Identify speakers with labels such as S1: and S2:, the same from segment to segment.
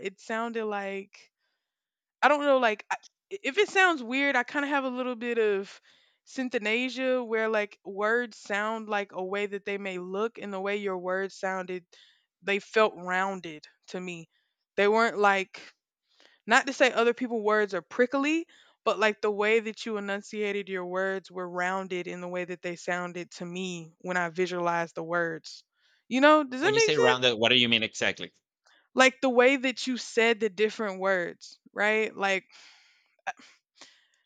S1: It sounded like I don't know, like I, if it sounds weird, I kind of have a little bit of synthanasia where like words sound like a way that they may look, and the way your words sounded, they felt rounded to me. They weren't like, not to say other people's words are prickly, but like the way that you enunciated your words were rounded in the way that they sounded to me when I visualized the words. You know, does
S2: When
S1: that
S2: you
S1: make
S2: say
S1: sense?
S2: rounded, what do you mean exactly?
S1: Like the way that you said the different words, right? Like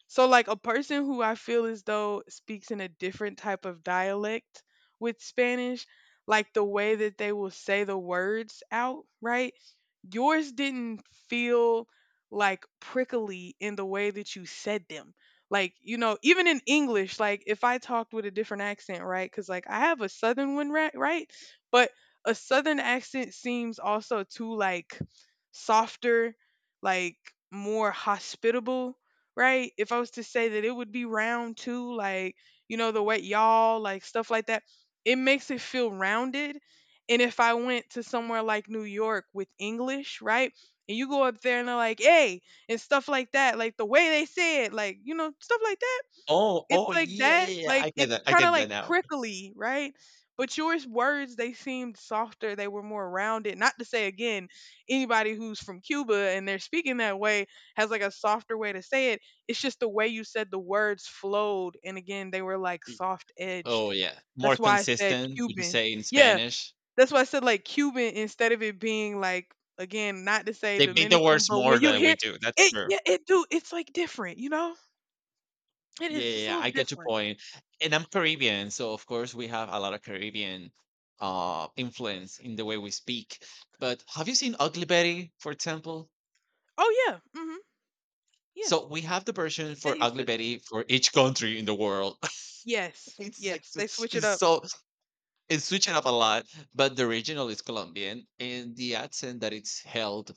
S1: So, like a person who I feel as though speaks in a different type of dialect with Spanish, like the way that they will say the words out, right? Yours didn't feel like prickly in the way that you said them. Like, you know, even in English, like if I talked with a different accent, right? Because, like, I have a southern one, right? Right. But a southern accent seems also too, like, softer, like, more hospitable, right? If I was to say that it would be round too, like, you know, the way y'all, like, stuff like that, it makes it feel rounded. And if I went to somewhere like New York with English, right? And you go up there and they're like, hey, and stuff like that, like the way they say it, like, you know, stuff like that. It's
S2: Oh,
S1: like
S2: yeah, yeah,
S1: that.
S2: yeah.
S1: Like,
S2: I get
S1: it's
S2: that. I
S1: kind of
S2: get that
S1: like
S2: now.
S1: prickly, right? But yours words, they seemed softer. They were more rounded. Not to say, again, anybody who's from Cuba and they're speaking that way has like a softer way to say it. It's just the way you said the words flowed. And again, they were like
S2: Y-
S1: soft edged.
S2: Oh, yeah. More
S1: That's why I said
S2: consistent, you can
S1: Cuban.
S2: say in
S1: Yeah,
S2: Spanish?
S1: that's why I said like Cuban instead of it being like, again, not to say
S2: They beat the
S1: Dominican,
S2: words
S1: but
S2: more
S1: when you
S2: than we
S1: hear
S2: do. That's
S1: it,
S2: true.
S1: yeah, it do. It's like different, you know. It
S2: Yeah,
S1: is
S2: yeah,
S1: just a
S2: yeah,
S1: little
S2: I get your
S1: different.
S2: point. And I'm Caribbean, so of course we have a lot of Caribbean influence in the way we speak. But have you seen Ugly Betty, for example?
S1: Oh yeah, mm-hmm, yeah.
S2: So we have the version for
S1: They used
S2: Ugly
S1: to.
S2: Betty for each country in the world.
S1: Yes,
S2: it's like
S1: yes. They
S2: s-
S1: switch it
S2: it's
S1: up.
S2: so It switched up a lot, but the original is Colombian, and the accent that it's held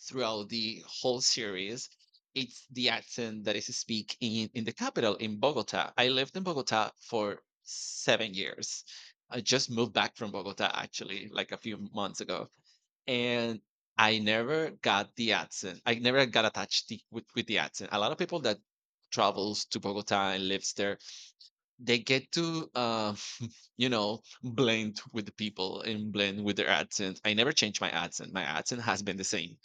S2: throughout the whole series, it's the accent that is speak in the capital in Bogota. I lived in Bogota for 7 years. I just moved back from Bogota actually, like a few months ago, and I never got the accent. I never got attached the, with the accent. A lot of people that travels to Bogota and lives there, they get to you know, blend with the people and blend with their accent. I never changed my accent. My accent has been the same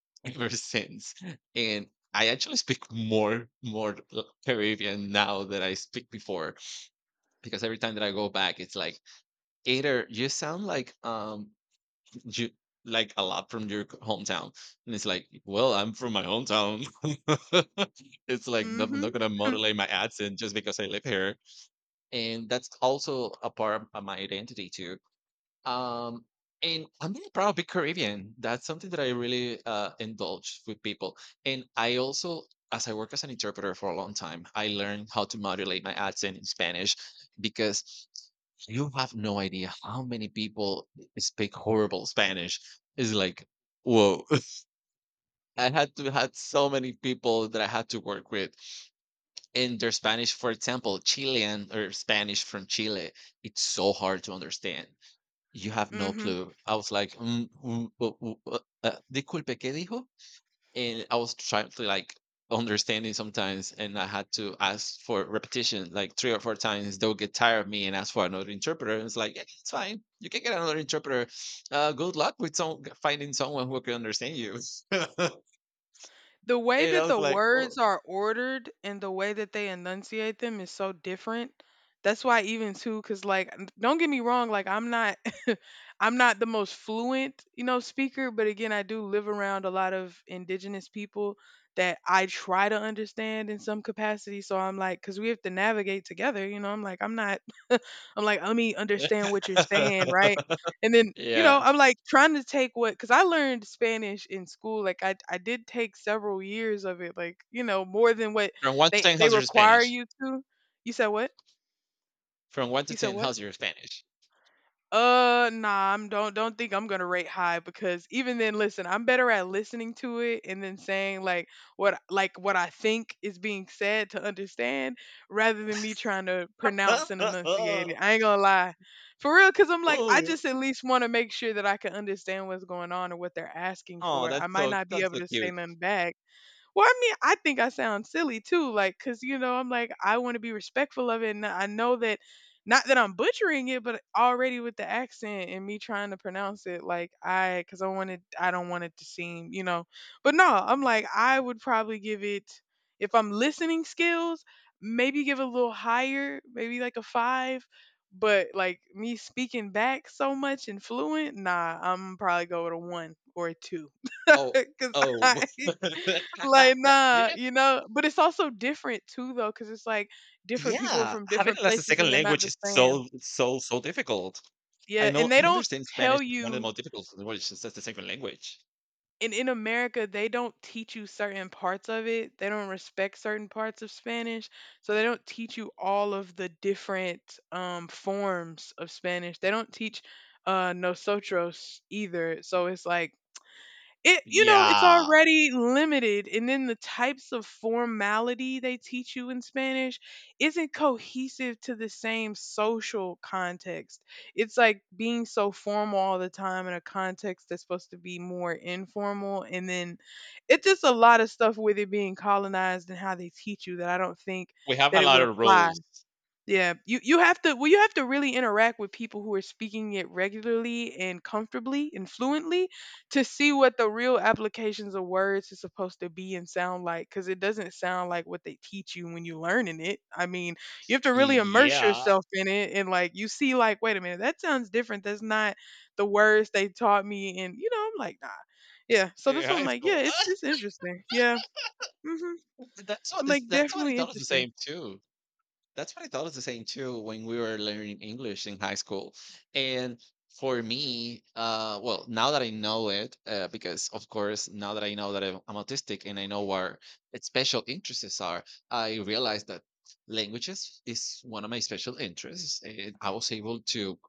S2: ever since. And I actually speak more Caribbean now than I speak before, because every time that I go back, it's like either you sound like you, like a lot from your hometown. And it's like, well, I'm from my hometown. It's like, "No, I'm
S1: Mm-hmm,
S2: not gonna modulate my accent just because I live here, and that's also a part of my identity too. Um, and I'm really proud of being Caribbean. That's something that I really indulge with people. And I also, as I work as an interpreter for a long time, I learned how to modulate my accent in Spanish, because you have no idea how many people speak horrible Spanish. It's like, whoa. I had to had so many people that I had to work with, and their Spanish, for example, Chilean or Spanish from Chile, it's so hard to understand. You have no
S1: mm-hmm.
S2: clue. I was like, disculpe, ¿qué dijo? And I was trying to like understanding sometimes, and I had to ask for repetition like three or four times. They'll get tired of me and ask for another interpreter. And it's like, yeah, it's fine. You can get another interpreter. Good luck with some finding someone who can understand you. And
S1: The way
S2: I
S1: that
S2: was
S1: the
S2: like, oh.
S1: words are ordered and the way that they enunciate them is so different. That's why even too, cause like don't get me wrong, like I'm not I'm not the most fluent, you know, speaker, but again I do live around a lot of indigenous people that I try to understand in some capacity. So I'm like, cause we have to navigate together, you know, I'm like, I'm not, I'm like, "Let me understand what you're saying," right? And then, you know,
S2: Yeah.
S1: I'm like trying to take what, because I learned Spanish in school. Like I did take several years of it, like, you know, more than what
S2: From one to
S1: they
S2: ten,
S1: they
S2: how's your
S1: require
S2: Spanish?
S1: you to. You said what?
S2: From 1 to
S1: You said
S2: 10,
S1: what?
S2: how's your Spanish?
S1: Nah, I'm, don't think I'm gonna rate high because even then, listen, I'm better at listening to it and then saying like what, like what I think is being said to understand, rather than me trying to pronounce and enunciate it. I ain't gonna lie, for real, because I'm like I
S2: Ooh.
S1: just at least want to make sure that I can understand what's going on or what they're asking
S2: Oh,
S1: for.
S2: that's
S1: I might
S2: so,
S1: not be
S2: that's
S1: able
S2: so
S1: to say
S2: cute.
S1: nothing back. Well, I mean, I think I sound silly too, like, cause you know, I'm like, I want to be respectful of it, and I know that, not that I'm butchering it, but already with the accent and me trying to pronounce it, like, I, cause I wanted, I don't want it to seem, you know, but no, I'm like, I would probably give it, if I'm listening skills, maybe give it a little higher, maybe like a five, but like me speaking back so much and fluent, nah, I'm probably go with a one or a two,
S2: Oh,
S1: cause
S2: oh.
S1: I. Like nah,
S2: Yeah.
S1: you know, but it's also different too though because it's like different people are
S2: Yeah,
S1: from
S2: having
S1: different
S2: it as a
S1: places
S2: second
S1: and they're not
S2: language
S1: the
S2: is
S1: same.
S2: so, so, so difficult. I
S1: Yeah, and
S2: know.
S1: they
S2: I
S1: don't
S2: understand Spanish
S1: tell
S2: is one of the
S1: you,
S2: most difficult languages as a second language.
S1: and in America they don't teach you certain parts of it, they don't respect certain parts of Spanish, so they don't teach you all of the different forms of Spanish. They don't teach nosotros either, so it's like, it, you know, it's
S2: Yeah,
S1: already limited, and then the types of formality they teach you in Spanish isn't cohesive to the same social context. It's like being so formal all the time in a context that's supposed to be more informal, and then it's just a lot of stuff with it being colonized and how they teach you, that I don't think
S2: we have a
S1: that it
S2: lot
S1: would
S2: of
S1: apply.
S2: rules.
S1: Yeah, you have to, well you have to really interact with people who are speaking it regularly and comfortably and fluently to see what the real applications of words is supposed to be and sound like, because it doesn't sound like what they teach you when you're learning it. I mean, you have to really immerse
S2: Yeah,
S1: yourself in it and like you see like, wait a minute, that sounds different. That's not the words they taught me, and you know I'm like nah. Yeah. So
S2: in
S1: this one I'm
S2: high
S1: like, yeah,
S2: school.
S1: it's interesting. Yeah. Hmm. I'm like,
S2: That's what he
S1: definitely
S2: thought was the
S1: interesting.
S2: same too. That's what I thought was the same too when we were learning English in high school. And for me, well, now that I know it, because of course, now that I know that I'm autistic and I know where its special interests are, I realized that languages is one of my special interests. And I was able to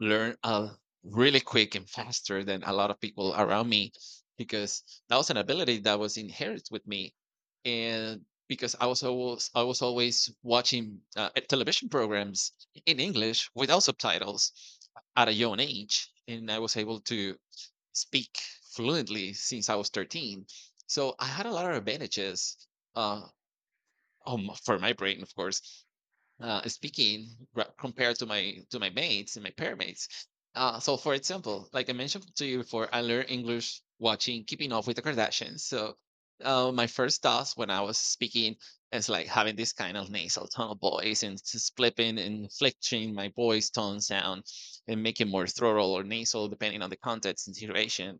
S2: learn really quick and faster than a lot of people around me, because that was an ability that was inherited with me. And because I was always watching television programs in English without subtitles at a young age, and I was able to speak fluently since I was 13. So I had a lot of advantages, uh, for my brain of course, compared to my mates and my pair mates. So, for example, like I mentioned to you before, I learned English watching Keeping Up with the Kardashians. So, my first thoughts when I was speaking is like having this kind of nasal tone of voice and just flipping and flexing my voice tone sound and making more throatal or nasal depending on the context and situation.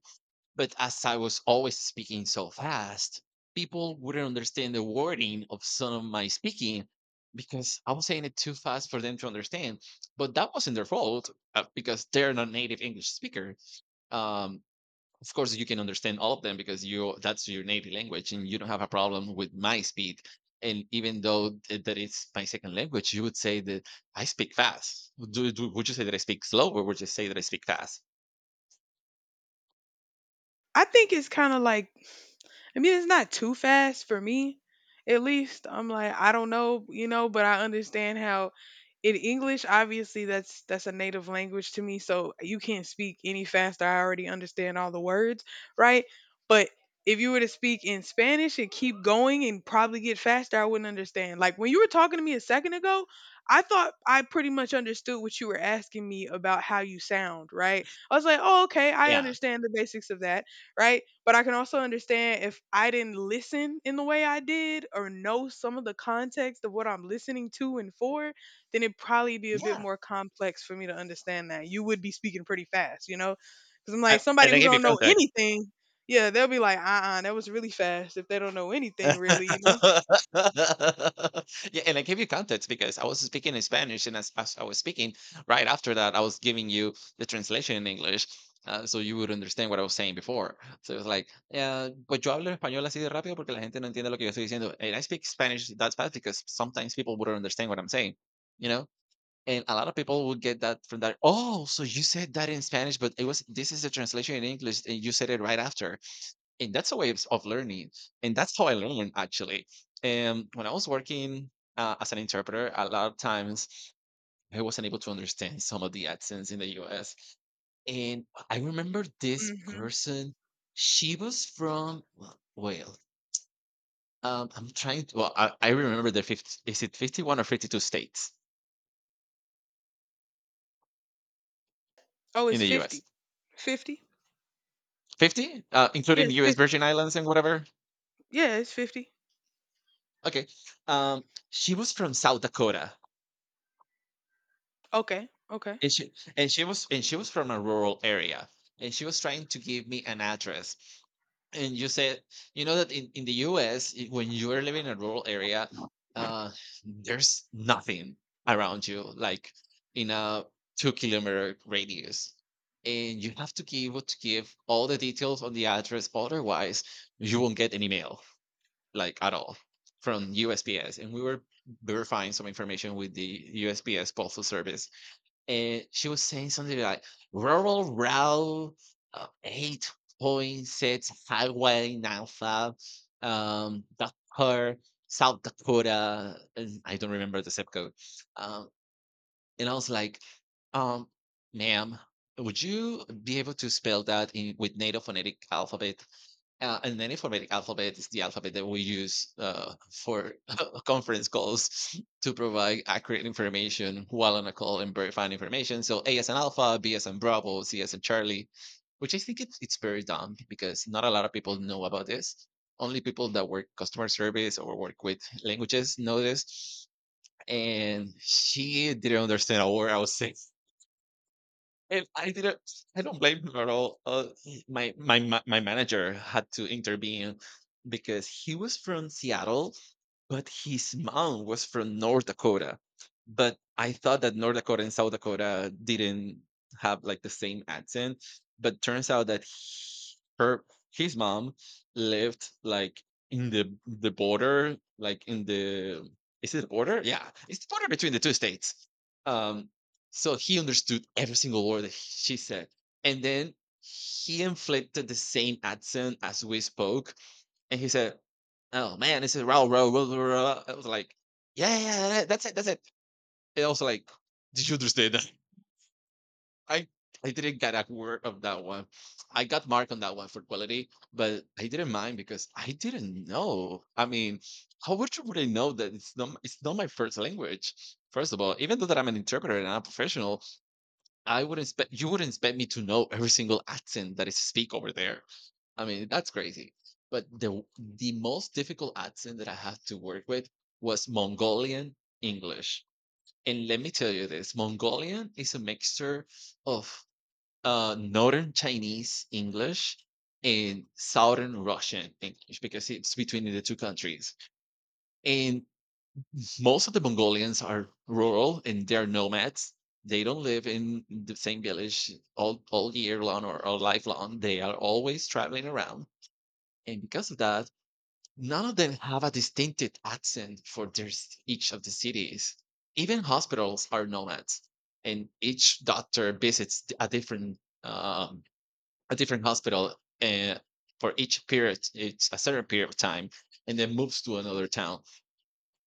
S2: But as I was always speaking so fast, people wouldn't understand the wording of some of my speaking, because I was saying it too fast for them to understand. But that wasn't their fault, because they're not native English speaker. Um, of course, you can understand all of them because you, that's your native language, and you don't have a problem with my speed. And even though that is my second language, you would say that I speak fast. Would you say that I speak slow, or would you say that I speak fast?
S1: I think it's kind of like, I mean, it's not too fast for me, at least. I'm like, I don't know, you know, but I understand how in English, obviously, that's a native language to me, so you can't speak any faster. I already understand all the words, right? But if you were to speak in Spanish and keep going and probably get faster, I wouldn't understand. Like when you were talking to me a second ago, I thought I pretty much understood what you were asking me about how you sound, right? I was like, oh, okay, I
S2: Yeah,
S1: understand the basics of that, right? But I can also understand if I didn't listen in the way I did or know some of the context of what I'm listening to and for, then it'd probably be a bit
S2: yeah.
S1: more complex for me to understand that. You would be speaking pretty fast, you know? Because I'm
S2: I,
S1: like, somebody
S2: and I
S1: who
S2: gave you
S1: don't know
S2: context.
S1: anything, yeah, they'll be like, that was really fast if they don't know anything, really, you know?
S2: Yeah, and I gave you context because I was speaking in Spanish, and as I was speaking right after that, I was giving you the translation in English, so you would understand what I was saying before. So it was like, yeah, pues yo hablo español así de rápido porque la gente no entiende lo que yo estoy diciendo. And I speak Spanish that fast because sometimes people wouldn't understand what I'm saying, you know. And a lot of people would get that from that. Oh, so you said that in Spanish, but it was, this is the translation in English, and you said it right after. And that's a way of learning, and that's how I learned actually. And when I was working as an interpreter, a lot of times I wasn't able to understand some of the accents in the US. And I remember this
S1: Hmm.
S2: person, she was from, well well, I'm trying to well I remember the 50, is it 51 or 52 states
S1: Oh,
S2: in
S1: it's
S2: the US?
S1: 50. 50?
S2: 50,
S1: Yeah,
S2: including
S1: it's
S2: us
S1: 50.
S2: virgin islands and whatever.
S1: Yeah, it's 50.
S2: Okay. um, she was from South Dakota,
S1: Okay, okay.
S2: and she was from a rural area, and she was trying to give me an address. And you said, you know that in the US, when you are living in a rural area, uh there's nothing around you, like in a 2 kilometer radius, and you have to be able to give all the details on the address, otherwise you won't get any mail, like at all, from USPS. And we were verifying some information with the USPS postal service, and she was saying something like rural route, 8.6 highway alpha, Dakar, South Dakota, and I don't remember the zip code. um and I was like, um ma'am, would you be able to spell that in with native phonetic alphabet, and then informatic alphabet is the alphabet that we use for conference calls to provide accurate information while on a call and verifying information. So A as an alpha, B as in Bravo, C as in Charlie, which I think it's very dumb because not a lot of people know about this. Only people that work customer service or work with languages know this. And she didn't understand a word I was saying. And I didn't, I don't blame him at all. My manager had to intervene because he was from Seattle, but his mom was from North Dakota. But I thought that North Dakota and South Dakota didn't have like the same accent, but turns out that he- her his mom lived like in the border, like in the, is it the border? Yeah, it's the border between the two states. Um, so he understood every single word that she said. And then he inflicted the same accent as we spoke. And he said, "Oh man, this is raw, raw, raw, raw, raw." I was like, "Yeah, yeah, yeah, yeah, that's it, that's it." And I was like, "Did you understand that?" I, I didn't get a word of that one. I got marked on that one for quality, but I didn't mind because I didn't know. I mean, how would you really know that it's not my first language? First of all, even though that I'm an interpreter and I'm a professional, I wouldn't expect, you wouldn't expect me to know every single accent that is speak over there. I mean, that's crazy. But the most difficult accent that I had to work with was Mongolian English. And let me tell you this, Mongolian is a mixture of northern Chinese English and southern Russian English because it's between the two countries. And most of the Mongolians are rural and they're nomads. They don't live in the same village all year long or lifelong. They are always traveling around. And because of that, none of them have a distinctive accent for their, each of the cities. Even hospitals are nomads, and each doctor visits um, a different hospital uh, for each period. It's a certain period of time, and then moves to another town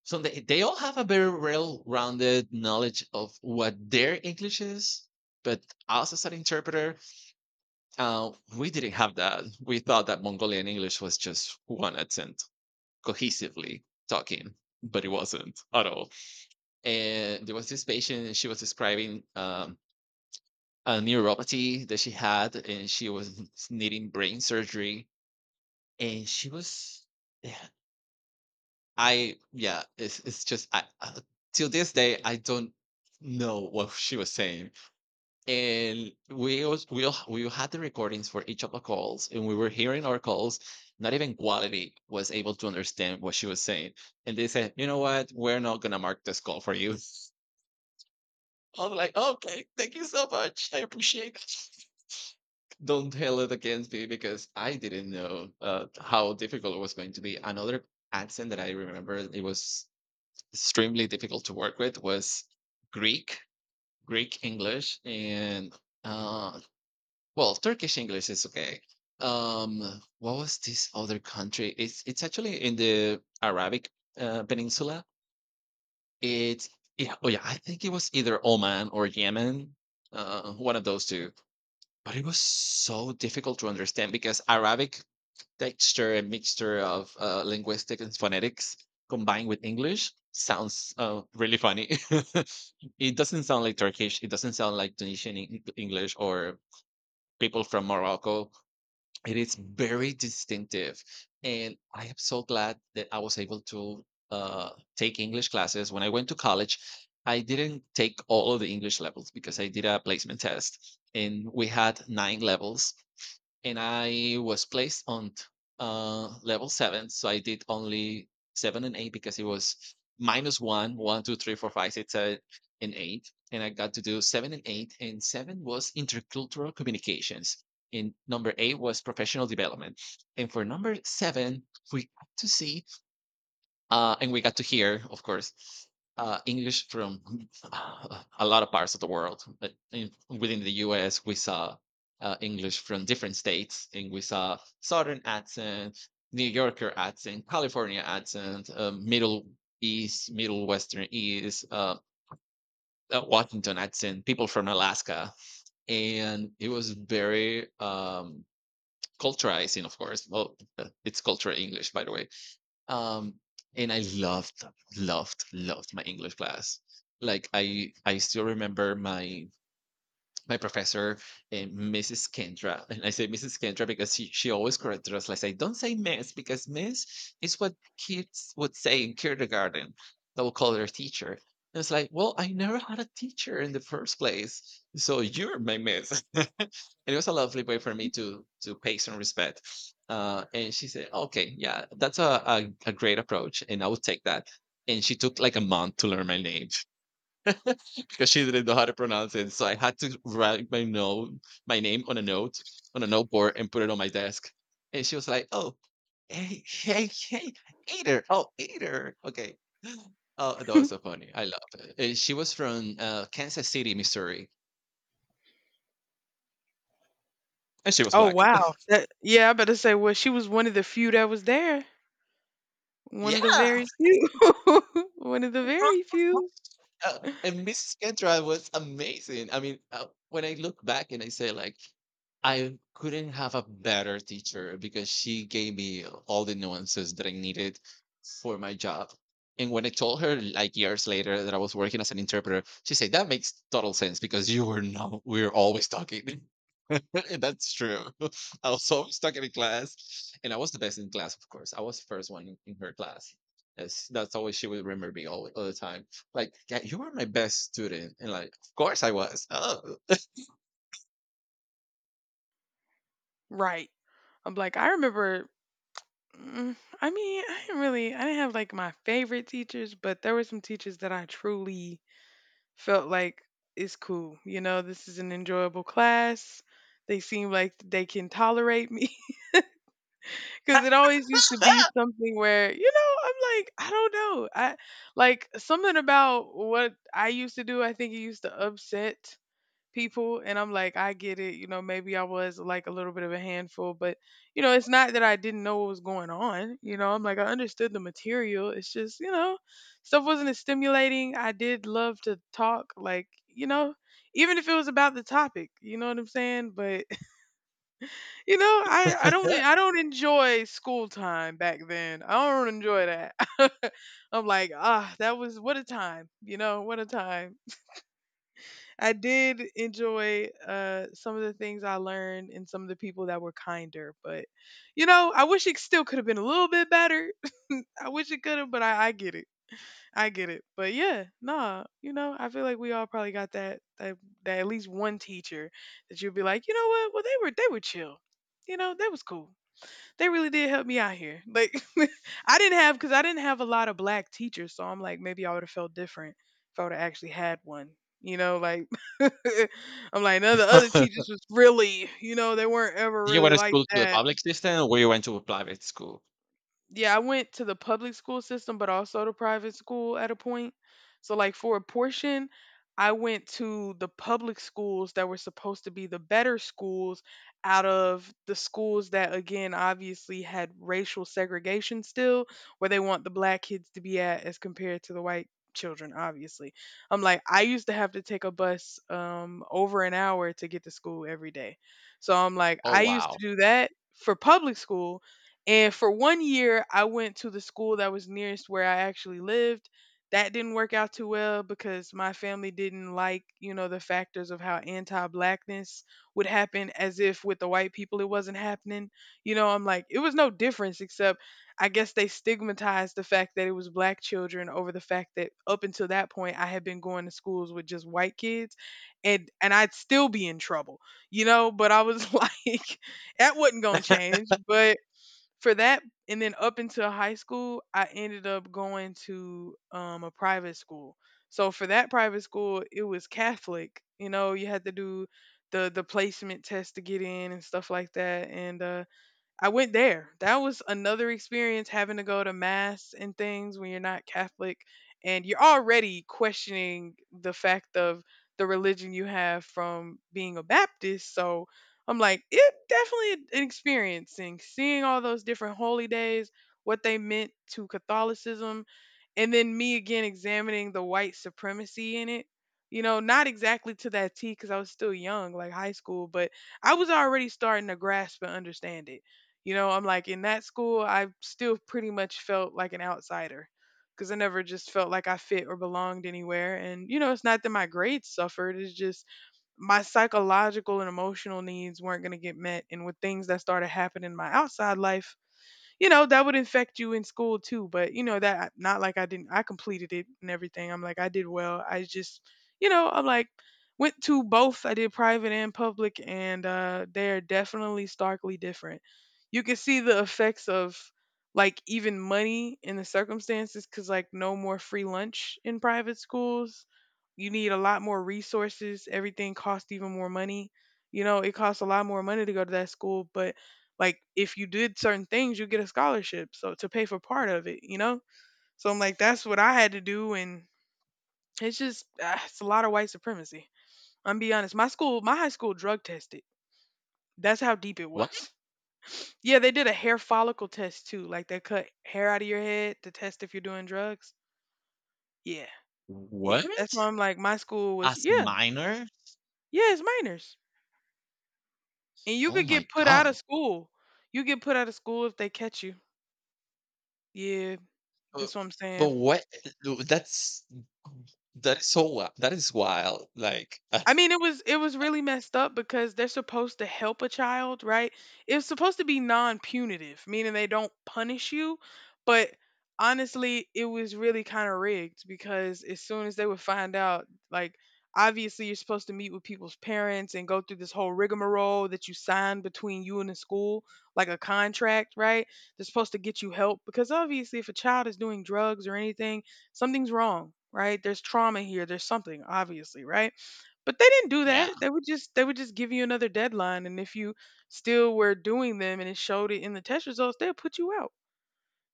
S2: so they all have a very well-rounded knowledge of what their English is, but us as an interpreter, uh, we didn't have that. We thought that Mongolian English was just one accent cohesively talking, but it wasn't at all. And there was this patient, and she was describing a neuropathy that she had, and she was needing brain surgery, and she was yeah, I yeah, it's just I till this day I don't know what she was saying, and we was we all- we had the recordings for each of the calls, and we were hearing our calls. Not even quality was able to understand what she was saying, and they said, "You know what? We're not gonna mark this call for you." I was like, "Okay, thank you so much. I appreciate it." Don't tell it against me because I didn't know how difficult it was going to be. Another accent that I remember it was extremely difficult to work with was Greek, Greek English, and uh, well, Turkish English is okay. Um, what was this other country? It's actually in the Arabic Peninsula. It's yeah, oh yeah, I think it was either Oman or Yemen, one of those two. But it was so difficult to understand because Arabic texture a mixture of linguistic and phonetics combined with English sounds really funny. It doesn't sound like Turkish. It doesn't sound like English or people from Morocco. It is very distinctive. And I am so glad that I was able to uh, take English classes. When I went to college, I didn't take all of the English levels because I did a placement test and we had nine levels and I was placed on level seven. So I did only seven and eight because it was minus one, one, two, three, four, five, six, seven, and eight. And I got to do seven and eight. And seven was intercultural communications. And number eight was professional development. And for number seven, we got to see and we got to hear, of course, English from a lot of parts of the world. But in, within the US, we saw English from different states, and we saw Southern accent, New Yorker accent, California accent, Middle East, Middle Western East, Washington accent, people from Alaska. And it was very culturizing, of course. Well, it's cultural English, by the way. um, and I loved, loved, loved my English class. Like I still remember my professor, and Mrs. Kendra, and I say Mrs. Kendra because she always corrected us. Like I don't say Miss because Miss is what kids would say in kindergarten. They will call their teacher. And it's like, well, I never had a teacher in the first place, so you're my Miss, and it was a lovely way for me to pay some respect. And she said, "Okay, yeah, that's a great approach, and I would take that." And she took like a month to learn my name because she didn't know how to pronounce it. So I had to write my note, my name on a note on a noteboard and put it on my desk. And she was like, "Oh, hey, hey, hey, Eater! Oh, Eater! Okay." Oh, that was so funny. I love it. And she was from Kansas City, Missouri, and she was
S1: Oh,
S2: black.
S1: wow. That, yeah, I better say, well, she was one of the few that was there. One of the
S2: Yeah.
S1: very few. One of the very few.
S2: And Mrs. Cantrell was amazing. I mean, when I look back and I say like, I couldn't have a better teacher because she gave me all the nuances that I needed for my job. And when I told her like years later that I was working as an interpreter, she said that makes total sense because you were not we were always talking. And that's true. I was always talking in class, and I was the best in class, of course. I was the first one in her class. That's always she would remember me all the time like, yeah, you were my best student. And like, of course I was. Oh.
S1: Right. I'm like, I remember, I mean, I didn't really, I didn't have like my favorite teachers, but there were some teachers that I truly felt like, it's cool. You know, this is an enjoyable class. They seem like they can tolerate me because it always used to be something where, you know, I'm like, I don't know. I like something about what I used to do, I think it used to upset people, and I'm like, I get it, you know, maybe I was like a little bit of a handful, but you know it's not that I didn't know what was going on, you know I'm like I understood the material, it's just, you know, stuff wasn't as stimulating. I did love to talk, like, you know, even if it was about the topic, you know what I'm saying, but you know, I don't, I don't enjoy school time back then, I don't enjoy that. I'm like, ah, that was what a time, you know, what a time. I did enjoy some of the things I learned and some of the people that were kinder, but you know, I wish it still could have been a little bit better. I wish it could have, but I get it. I get it. But yeah, nah, you know, I feel like we all probably got that that, that at least one teacher that you'd be like, you know what? Well, they were chill. You know, that was cool, they really did help me out here. Like I didn't have, because I didn't have a lot of black teachers, so I'm like maybe I would have felt different if I would have actually had one. You know, like I'm like none of the other teachers was really, you know, they weren't ever
S2: Did you
S1: really
S2: went to
S1: like
S2: school to the
S1: that.
S2: public system or you went to a private school?
S1: Yeah, I went to the public school system, but also the private school at a point. So, like, for a portion, I went to the public schools that were supposed to be the better schools out of the schools that, again, obviously had racial segregation still, where they want the black kids to be at as compared to the white children, obviously. I'm like, I used to have to take a bus over an hour to get to school every day. So, I'm like,
S2: Oh,
S1: I used to
S2: wow.
S1: do that for public school and for one year, I went to the school that was nearest where I actually lived. That didn't work out too well because my family didn't like, you know, the factors of how anti blackness would happen as if with the white people it wasn't happening. You know, I'm like, it was no difference except I guess they stigmatized the fact that it was black children over the fact that up until that point I had been going to schools with just white kids and I'd still be in trouble, you know, but I was like that wasn't going to change, but for that and then up until high school I ended up going to a private school. So for that private school, it was Catholic. You know, you had to do the placement test to get in and stuff like that. And I went there. That was another experience, having to go to mass and things when you're not Catholic and you're already questioning the fact of the religion you have from being a Baptist. So I'm like, it definitely an experience, and seeing all those different holy days, what they meant to Catholicism, and then me again examining the white supremacy in it. You know, not exactly to that T because I was still young, like high school, but I was already starting to grasp and understand it. You know, I'm like in that school, I still pretty much felt like an outsider because I never just felt like I fit or belonged anywhere. And, you know, it's not that my grades suffered, it's just my psychological and emotional needs weren't going to get met. And with things that started happening in my outside life, you know, that would infect you in school too. But you know, that not like, I didn't, I completed it and everything. I'm like, I did well, I just, you know, I'm like went to both. I did private and public, and they're definitely starkly different. You can see the effects of like even money in the circumstances because like no more free lunch in private schools. You need a lot more resources, everything costs even more money. You know, it costs a lot more money to go to that school, but like if you did certain things, you get a scholarship so to pay for part of it, you know. So I'm like, that's what I had to do. And it's just it's a lot of white supremacy. I'm be honest, my school, my high school drug tested. That's how deep it
S2: What?
S1: was. Yeah, they did a hair follicle test too, like they cut hair out of your head to test if you're doing drugs. Yeah. Yeah, that's why
S2: What?
S1: I'm like, my school was,
S2: As
S1: yeah.
S2: minors?
S1: Yeah, it's minors, and you
S2: Oh
S1: could
S2: my
S1: get put out of
S2: gosh.
S1: school. You get put out of school if they catch you. Yeah,
S2: But,
S1: that's what I'm
S2: but
S1: saying.
S2: what? That's, that is so wild. That is wild. Like,
S1: I mean, it was, it was really messed up because they're supposed to help a child, right? It's supposed to be non-punitive, meaning they don't punish you, but honestly, it was really kind of rigged because as soon as they would find out, like obviously you're supposed to meet with people's parents and go through this whole rigmarole that you sign between you and the school, like a contract, right? They're supposed to get you help because obviously if a child is doing drugs or anything, something's wrong, right? There's trauma here, there's something obviously, right? But they didn't do
S2: yeah.
S1: that. They would just give you another deadline, and if you still were doing them and it showed it in the test results, they'll put you out.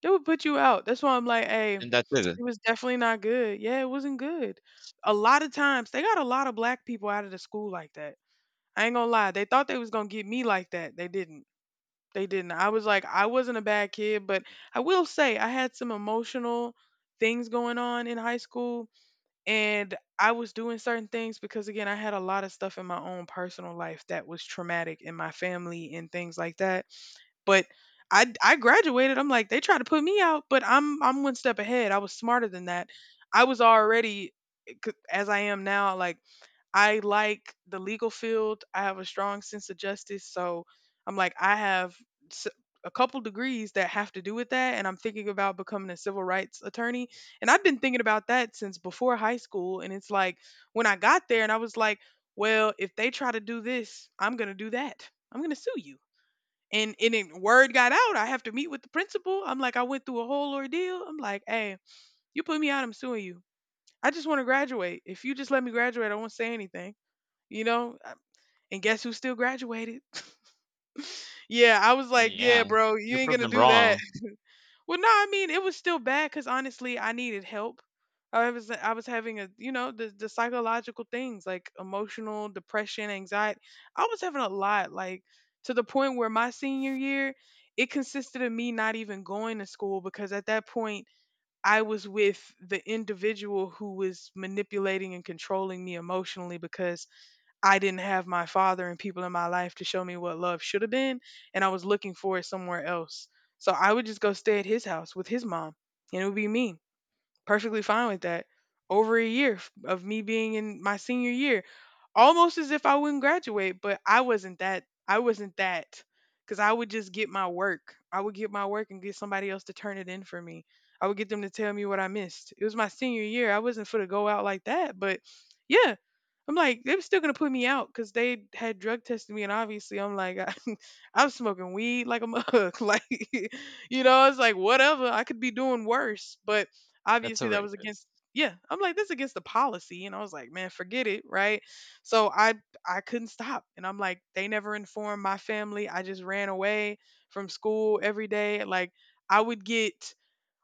S1: They would put you out. That's why I'm like, hey,
S2: And that's it.
S1: it was definitely not good. Yeah, it wasn't good. A lot of times they got a lot of black people out of the school like that. I ain't gonna lie. They thought they was gonna get me like that. They didn't. They didn't. I was like, I wasn't a bad kid, but I will say I had some emotional things going on in high school, and I was doing certain things because again I had a lot of stuff in my own personal life that was traumatic in my family and things like that. But I graduated. I'm like they tried to put me out, but I'm one step ahead. I was smarter than that. I was already as I am now like I like the legal field. I have a strong sense of justice. So I'm like, I have s- a couple degrees that have to do with that. And I'm thinking about becoming a civil rights attorney. And I've been thinking about that since before high school. And it's like, when I got there, and I was like, well, if they try to do this, I'm going to do that. I'm going to sue you. And it, word got out. I have to meet with the principal. I'm like, I went through a whole ordeal. I'm like, hey, you put me out, I'm suing you. I just want to graduate. If you just let me graduate, I won't say anything, you know? And guess who still graduated? Yeah, I was
S2: Oh,
S1: like,
S2: yeah.
S1: yeah, bro, you
S2: You
S1: ain't
S2: proved
S1: gonna
S2: them
S1: do that.
S2: wrong.
S1: Well, no, I mean, it was still bad because honestly, I needed help. I was having a, you know, the psychological things like emotional depression, anxiety. I was having a lot, like to the point where my senior year, it consisted of me not even going to school because at that point I was with the individual who was manipulating and controlling me emotionally because I didn't have my father and people in my life to show me what love should have been, and I was looking for it somewhere else. So I would just go stay at his house with his mom, and it would be me, perfectly fine with that. Over a year of me being in my senior year, almost as if I wouldn't graduate, but I wasn't that. I wasn't that because I would just get my work. I would get my work and get somebody else to turn it in for me. I would get them to tell me what I missed. It was my senior year. I wasn't for to go out like that, but yeah, I'm like, they were still gonna put me out because they had drug tested me, and obviously, I'm like, I, I'm smoking weed like a mug, like, you know, it's like whatever. I could be doing worse, but
S2: That's
S1: obviously, that was
S2: outrageous.
S1: against. Yeah, I'm like, that's against the policy, and I was like, man, forget it, right? So I couldn't stop, and I'm like, they never informed my family. I just ran away from school every day. Like, I would get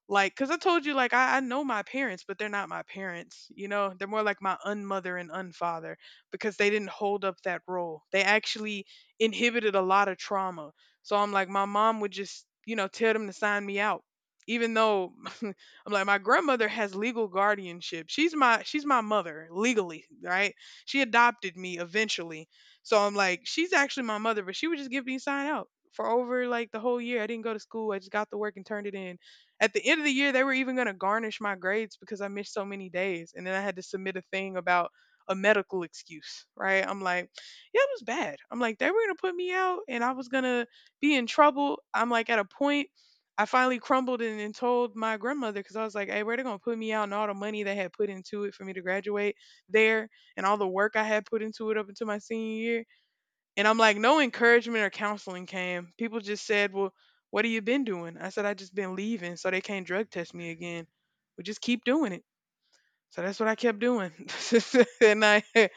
S1: like, cause I told you, like, I know my parents, but they're not my parents. You know, they're more like my unmother and unfather because they didn't hold up that role. They actually inhibited a lot of trauma. So I'm like, my mom would just, you know, tell them to sign me out, even though I'm like, my grandmother has legal guardianship. She's my mother legally, right? She adopted me eventually. So I'm like, she's actually my mother, but she would just give me sign out for over like the whole year. I didn't go to school. I just got the work and turned it in. At the end of the year, they were even going to garnish my grades because I missed so many days. And then I had to submit a thing about a medical excuse, right? I'm like, yeah, it was bad. I'm like, they were going to put me out and I was going to be in trouble. I'm like, at a point, I finally crumbled and told my grandmother because I was like, hey, where they going to put me out and all the money they had put into it for me to graduate there and all the work I had put into it up until my senior year. And I'm like, no encouragement or counseling came. People just said, well, what have you been doing? I said, I just been leaving, so they can't drug test me again. We just keep doing it. So that's what I kept doing. And I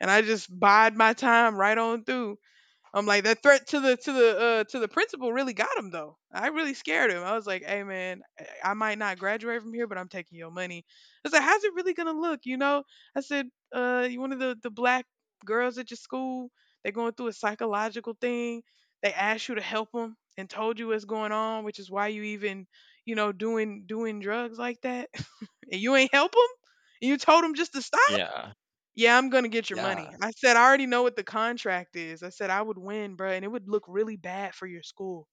S1: and I just bide my time right on through. I'm like that threat to the to the to the principal really got him though. I really scared him. I was like, "Hey man, I might not graduate from here, but I'm taking your money." I said, "How's it really gonna look?" You know, I said, you one of the black girls at your school? They're going through a psychological thing. They asked you to help them and told you what's going on, which is why you even doing drugs like that, and you ain't help them. And you told them just to stop."
S2: Yeah.
S1: Yeah, I'm gonna get your
S2: Yeah.
S1: money. I said, I already know what the contract is. I said I would win, bruh, and it would look really bad for your school.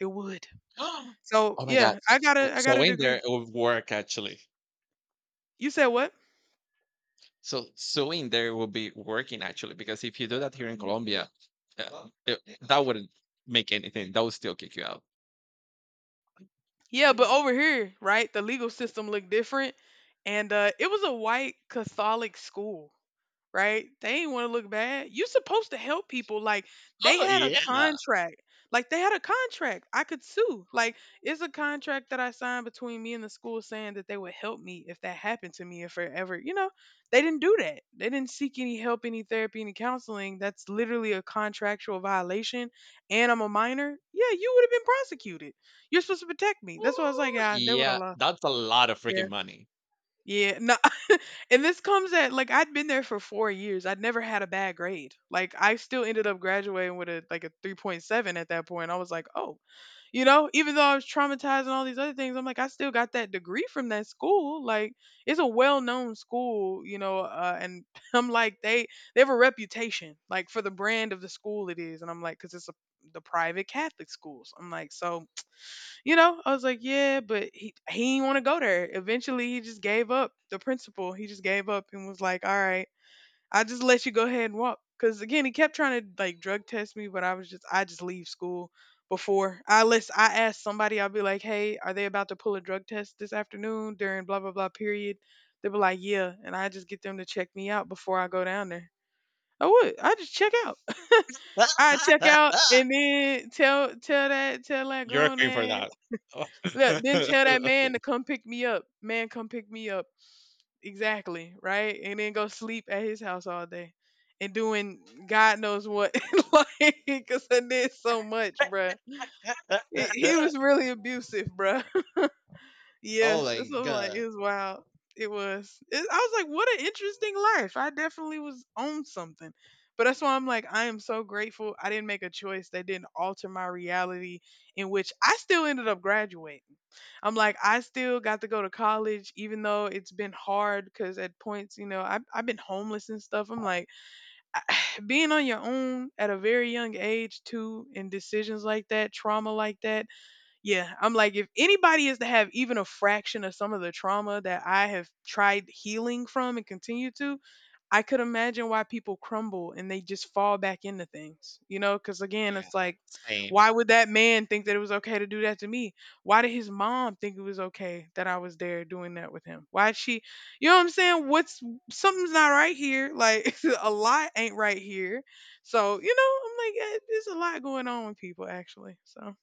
S1: It would. So
S2: Oh my God.
S1: yeah,
S2: So,
S1: I got
S2: so,
S1: a I got
S2: so
S1: a
S2: in there,
S1: degree.
S2: it would work actually.
S1: You said what?
S2: So suing there will be working actually, because if you do that here in Colombia, that wouldn't make anything. That would still kick you out.
S1: Yeah, but over here, right, the legal system looked different. And it was a white Catholic school. Right? They ain't want to look bad. You supposed to help people. Like they
S2: Oh
S1: had a
S2: yeah.
S1: contract. Like they had a contract. I could sue. Like it's a contract that I signed between me and the school saying that they would help me if that happened to me if I ever, they didn't do that. They didn't seek any help, any therapy, any counseling. That's literally a contractual violation. And I'm a minor. Yeah, you would have been prosecuted. You're supposed to protect me. That's why I was like,
S2: Ooh,
S1: yeah, they would have
S2: yeah.
S1: lost.
S2: That's a lot of
S1: Yeah.
S2: freaking money.
S1: Yeah. No, and this comes at like I'd been there for 4 years. I'd never had a bad grade. Like I still ended up graduating with a like a 3.7 at that point. I was like, oh, you know, even though I was traumatized and all these other things, I'm like, I still got that degree from that school. Like it's a well known school, you know, and I'm like, they have a reputation, like for the brand of the school it is. And I'm like, because it's the private Catholic schools. I'm like, so I was like, yeah, but he didn't want to go there. Eventually, he just gave up. The principal, he just gave up and was like, all right, I just let you go ahead and walk. Cause again, he kept trying to like drug test me, but I just leave school before I asked somebody, I'll be like, hey, are they about to pull a drug test this afternoon during blah blah blah period? They were like, yeah, and I just get them to check me out before I go down there. I would. I just check out. I check out and then tell that
S2: You're a
S1: grown
S2: queen for
S1: ass.
S2: that.
S1: Look, then tell that man to come pick me up. Man, come pick me up. Exactly, right? And then go sleep at his house all day and doing God knows what. Like, because I did so much, bruh. He was really abusive, bruh. Yeah,
S2: Oh my
S1: this was like,
S2: god.
S1: it was wild. It was. I was like, what an interesting life. I definitely was on something. But that's why I'm like, I am so grateful I didn't make a choice that didn't alter my reality, in which I still ended up graduating. I'm like, I still got to go to college, even though it's been hard because at points, you know, I've been homeless and stuff. I'm like, being on your own at a very young age, too, and decisions like that, trauma like that. Yeah, I'm like, if anybody is to have even a fraction of some of the trauma that I have tried healing from and continue to, I could imagine why people crumble and they just fall back into things, you know? Because again,
S2: Yeah.
S1: it's like,
S2: Same.
S1: why would that man think that it was okay to do that to me? Why did his mom think it was okay that I was there doing that with him? You know what I'm saying? What's Something's not right here. Like, a lot ain't right here. So, you know, I'm like, eh, there's a lot going on with people actually. So,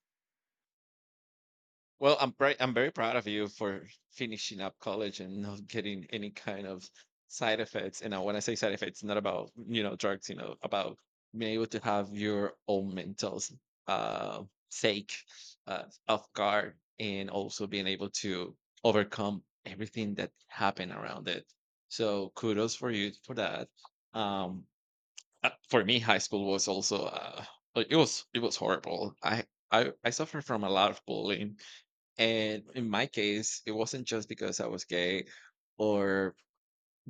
S2: Well, I'm very proud of you for finishing up college and not getting any kind of side effects. And now when I say side effects, not about you know drugs, you know, about being able to have your own uh, sake off guard, and also being able to overcome everything that happened around it. So kudos for you for that. Um, for me, high school was also it was horrible. I suffered from a lot of bullying and in my case, it wasn't just because I was gay or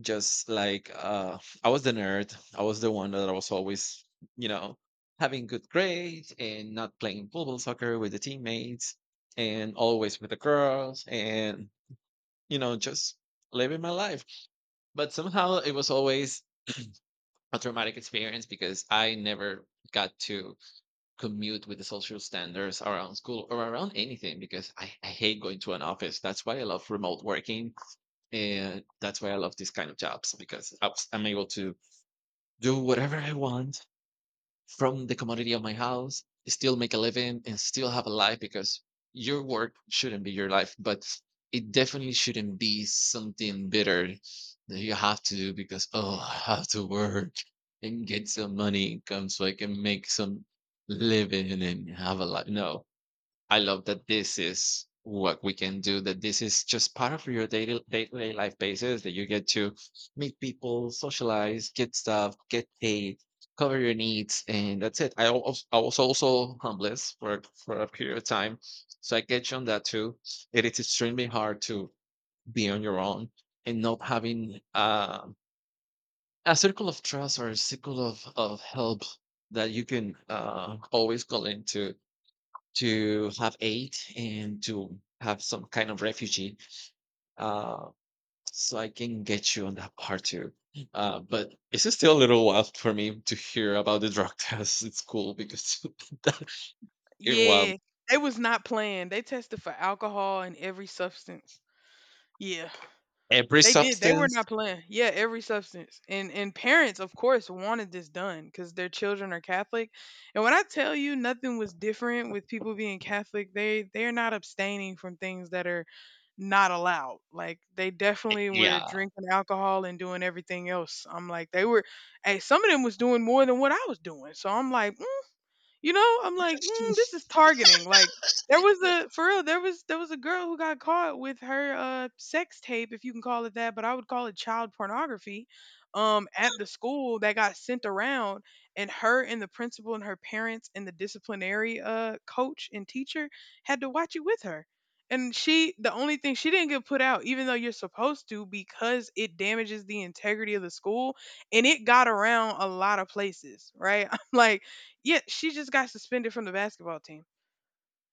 S2: just like I was the nerd. I was the one that was always, you know, having good grades and not playing pool ball soccer with the teammates and always with the girls and, you know, just living my life. But somehow it was always a traumatic experience because I never got to commute with the social standards around school or around anything because I hate going to an office. That's why I love remote working. And that's why I love these kind of jobs because I'm able to do whatever I want from the commodity of my house, still make a living and still have a life because your work shouldn't be your life, but it definitely shouldn't be something bitter that you have to do because, oh, I have to work and get some money income so I can make some living and have a life. No, I love that this is what we can do, that this is just part of your daily day-to-day life basis, that you get to meet people, socialize, get stuff, get paid, cover your needs, and that's it. I was also homeless for a period of time. So I get you on that too. It is extremely hard to be on your own and not having a circle of trust or a circle of help that you can always call into to have aid and to have some kind of refugee. Uh, so I can get you on that part too. But it's just still a little wild for me to hear about the drug test. It's cool because that, well,
S1: yeah, they was not playing. They tested for alcohol and every substance. Yeah.
S2: every
S1: They did. They were
S2: substance,
S1: not playing. Yeah, every substance. And parents, of course, wanted this done because their children are Catholic. And when I tell you nothing was different with people being Catholic, they're not abstaining from things that are not allowed. Like they
S2: eh,
S1: definitely were
S2: yeah,
S1: drinking alcohol and doing everything else. I'm like, they were hey, some of them was doing more than what I was doing. So I'm like, you know, I'm like, this is targeting. Like there was a for real, there was a girl who got caught with her sex tape, if you can call it that, but I would call it child pornography, at the school that got sent around, and her and the principal and her parents and the disciplinary coach and teacher had to watch it with her. And she the only thing, she didn't get put out, even though you're supposed to, because it damages the integrity of the school and it got around a lot of places, right? I'm like, yeah, she just got suspended from the basketball team.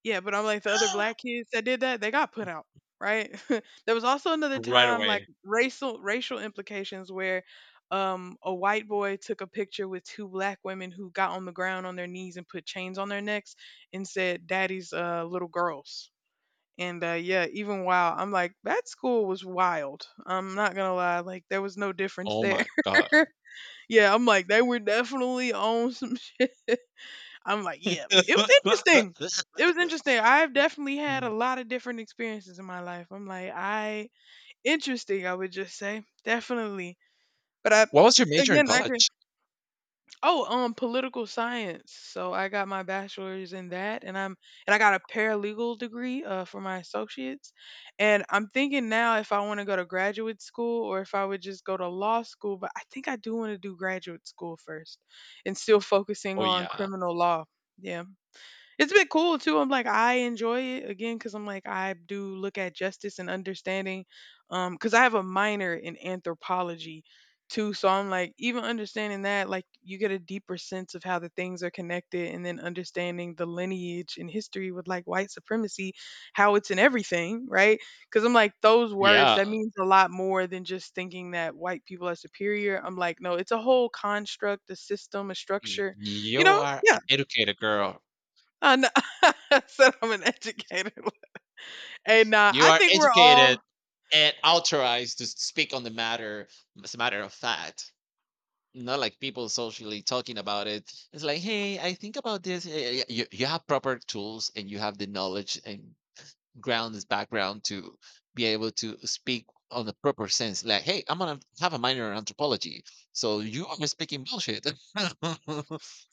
S1: Yeah, but I'm like the other black kids that did that, they got put out, right? There was also another
S2: right
S1: time like
S2: away.
S1: racial implications where a white boy took a picture with two black women who got on the ground on their knees and put chains on their necks and said daddy's little girls. And yeah, even while I'm like that school was wild. I'm not going to lie, like there was no difference
S2: Oh
S1: there.
S2: my god.
S1: Yeah, I'm like they were definitely on some shit. I'm like, yeah,
S2: What
S1: it was interesting. It was interesting. I've definitely had a lot of different experiences in my life. I'm like, I interesting. I would just say definitely. But I
S2: was your major in
S1: again, I can.
S2: college?
S1: Oh, political science. So I got my bachelor's in that, and I got a paralegal degree for my associates. And I'm thinking now if I want to go to graduate school or if I would just go to law school. But I think I do want to do graduate school first, and still focusing
S2: Oh
S1: on
S2: yeah,
S1: criminal law. Yeah. It's been cool too. I'm like I enjoy it again because I'm like I do look at justice and understanding, because I have a minor in anthropology too. So I'm like even understanding that, like you get a deeper sense of how the things are connected, and then understanding the lineage and history with like white supremacy, how it's in everything, right? Because I'm like those words
S2: yeah.
S1: that means a lot more than just thinking that white people are superior. I'm like no, it's a whole construct, a system, a structure, you
S2: You
S1: know?
S2: are
S1: Yeah.
S2: an educated girl.
S1: I know. I said I'm an educator, and,
S2: You
S1: I
S2: are
S1: think we're
S2: educated
S1: all.
S2: and authorized to speak on the matter as a matter of fact. Not like people socially talking about it. It's like, hey, I think about this. Yeah, yeah, yeah. You have proper tools and you have the knowledge and grounds, background to be able to speak on the proper sense. Like, hey, I'm going to have a minor in anthropology. So you are speaking bullshit.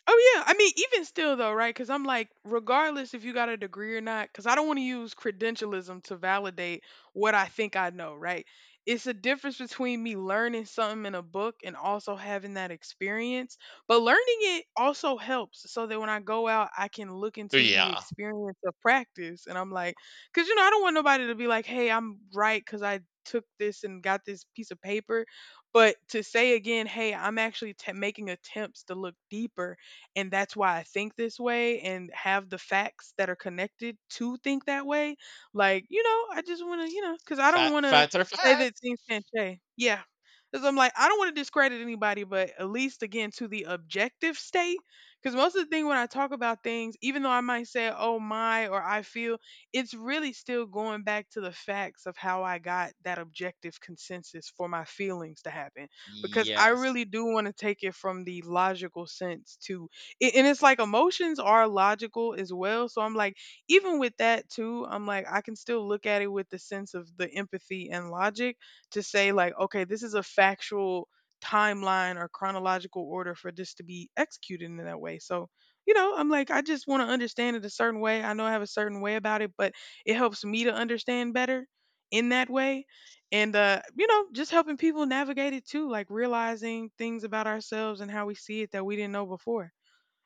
S1: Oh yeah, I mean, even still though, right? Because I'm like, regardless if you got a degree or not, because I don't want to use credentialism to validate what I think I know, right? It's a difference between me learning something in a book and also having that experience. But learning it also helps so that when I go out, I can look into the
S2: yeah.
S1: experience of practice. And I'm like, because, I don't want nobody to be like, hey, I'm right because I took this and got this piece of paper. But to say again, hey, I'm actually making attempts to look deeper, and that's why I think this way and have the facts that are connected to think that way. Like, I just want to, because I don't
S2: Fat,
S1: want to
S2: fats are
S1: say
S2: fat.
S1: that things can't change. Yeah. Because I'm like, I don't want to discredit anybody, but at least again to the objective state. Because most of the thing when I talk about things, even though I might say, oh my, or I feel, it's really still going back to the facts of how I got that objective consensus for my feelings to happen, because I
S2: Yes.
S1: really do want to take it from the logical sense to it, and it's like emotions are logical as well. So I'm like, even with that too, I'm like, I can still look at it with the sense of the empathy and logic to say like, okay, this is a factual timeline or chronological order for this to be executed in that way. So, you know, I'm like, I just want to understand it a certain way. I know I have a certain way about it, but it helps me to understand better in that way. And you know, just helping people navigate it too, like realizing things about ourselves and how we see it that we didn't know before.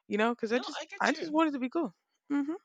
S1: You know, because I
S2: No,
S1: just
S2: I get
S1: I just
S2: you.
S1: wanted to be cool. Mhm.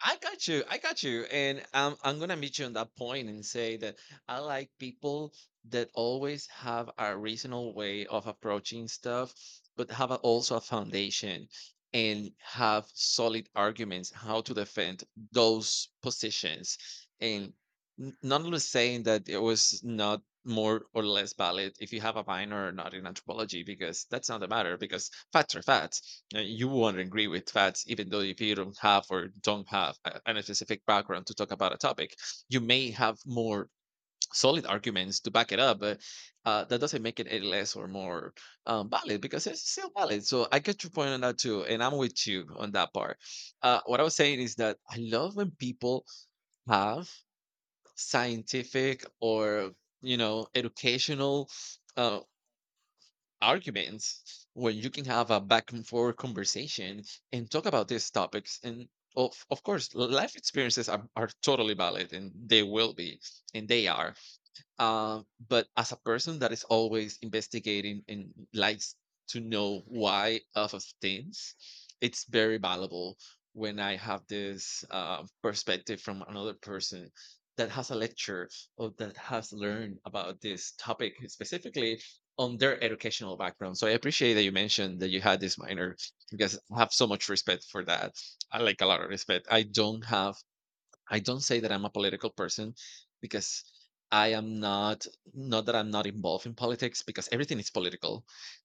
S2: I got you. I got you. And I'm going to meet you on that point and say that I like people that always have a reasonable way of approaching stuff, but have also a foundation and have solid arguments how to defend those positions. And not only saying that it was not more or less valid if you have a minor or not in anthropology, because that's not the matter, because facts are facts. You won't agree with facts, even though if you don't have or don't have a specific background to talk about a topic, you may have more solid arguments to back it up. But that doesn't make it any less or more valid because it's still valid. So I get your point on that too, and I'm with you on that part. What I was saying is that I love when people have scientific or educational Uh, arguments where you can have a back and forth conversation and talk about these topics. And of course life experiences are totally valid and they will be and they are, uh, but as a person that is always investigating and likes to know why of things, it's very valuable when I have this perspective from another person that has a lecture or that has learned about this topic specifically on their educational background. So I appreciate that you mentioned that you had this minor because I have so much respect for that. I like a lot of respect. I don't have I don't say that I'm a political person because I am not, not that I'm not involved in politics because everything is political.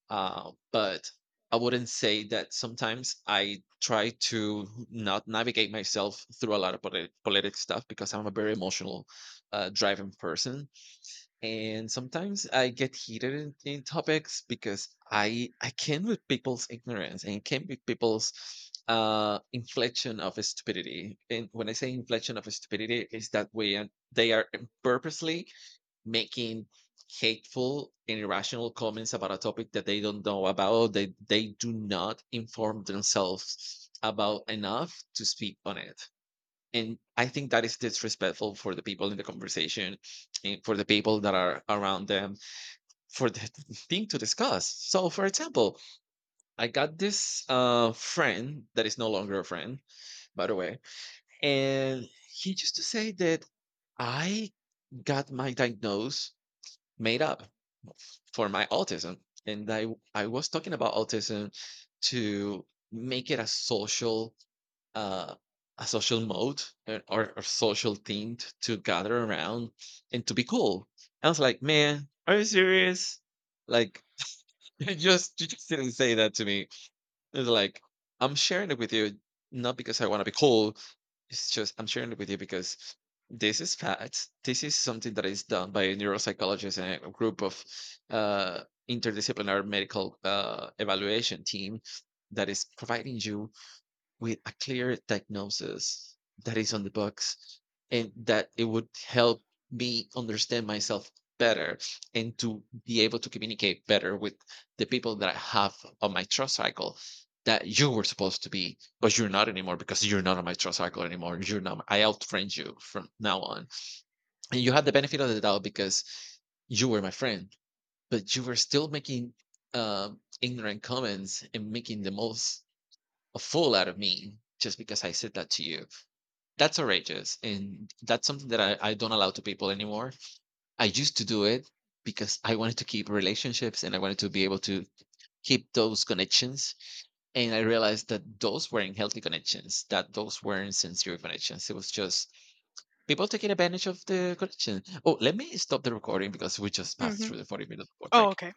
S2: But I wouldn't say that sometimes I try to not navigate myself through a lot of polit political stuff because I'm a very emotional, driving person, and sometimes I get heated in topics because I can with people's ignorance and can with people's inflection of stupidity. And when I say inflection of stupidity, is that when they are purposely making hateful and irrational comments about a topic that they don't know about, they do not inform themselves about enough to speak on it. And I think that is disrespectful for the people in the conversation and for the people that are around them for the thing to discuss. So, for example, I got this friend that is no longer a friend, by the way, and he used to say that I got my diagnose made up for my autism. And I, I was talking about autism to make it uh, a social mode, or social thing to gather around and to be cool. I was like, man, are you serious? Like, you just didn't say that to me. It's like I'm sharing it with you not because I want to be cool. It's just I'm sharing it with you because this is facts. This is something that is done by a neuropsychologist and a group of uh, interdisciplinary medical evaluation team that is providing you with a clear diagnosis that is on the books and that it would help me understand myself better and to be able to communicate better with the people that I have on my trust cycle, that you were supposed to be, but you're not anymore because you're not on my trust cycle anymore. You're not, I outfriend you from now on. And you had the benefit of the doubt because you were my friend, but you were still making ignorant comments and making the most a fool out of me just because I said that to you. That's outrageous. And that's something that I don't allow to people anymore. I used to do it because I wanted to keep relationships and I wanted to be able to keep those connections. And I realized that those weren't healthy connections, that those weren't sincere connections. It was just people taking advantage of the connection. Oh, let me stop the recording because we just passed
S1: Mhm.
S2: through the 40-minute
S1: Oh,
S2: break.
S1: okay.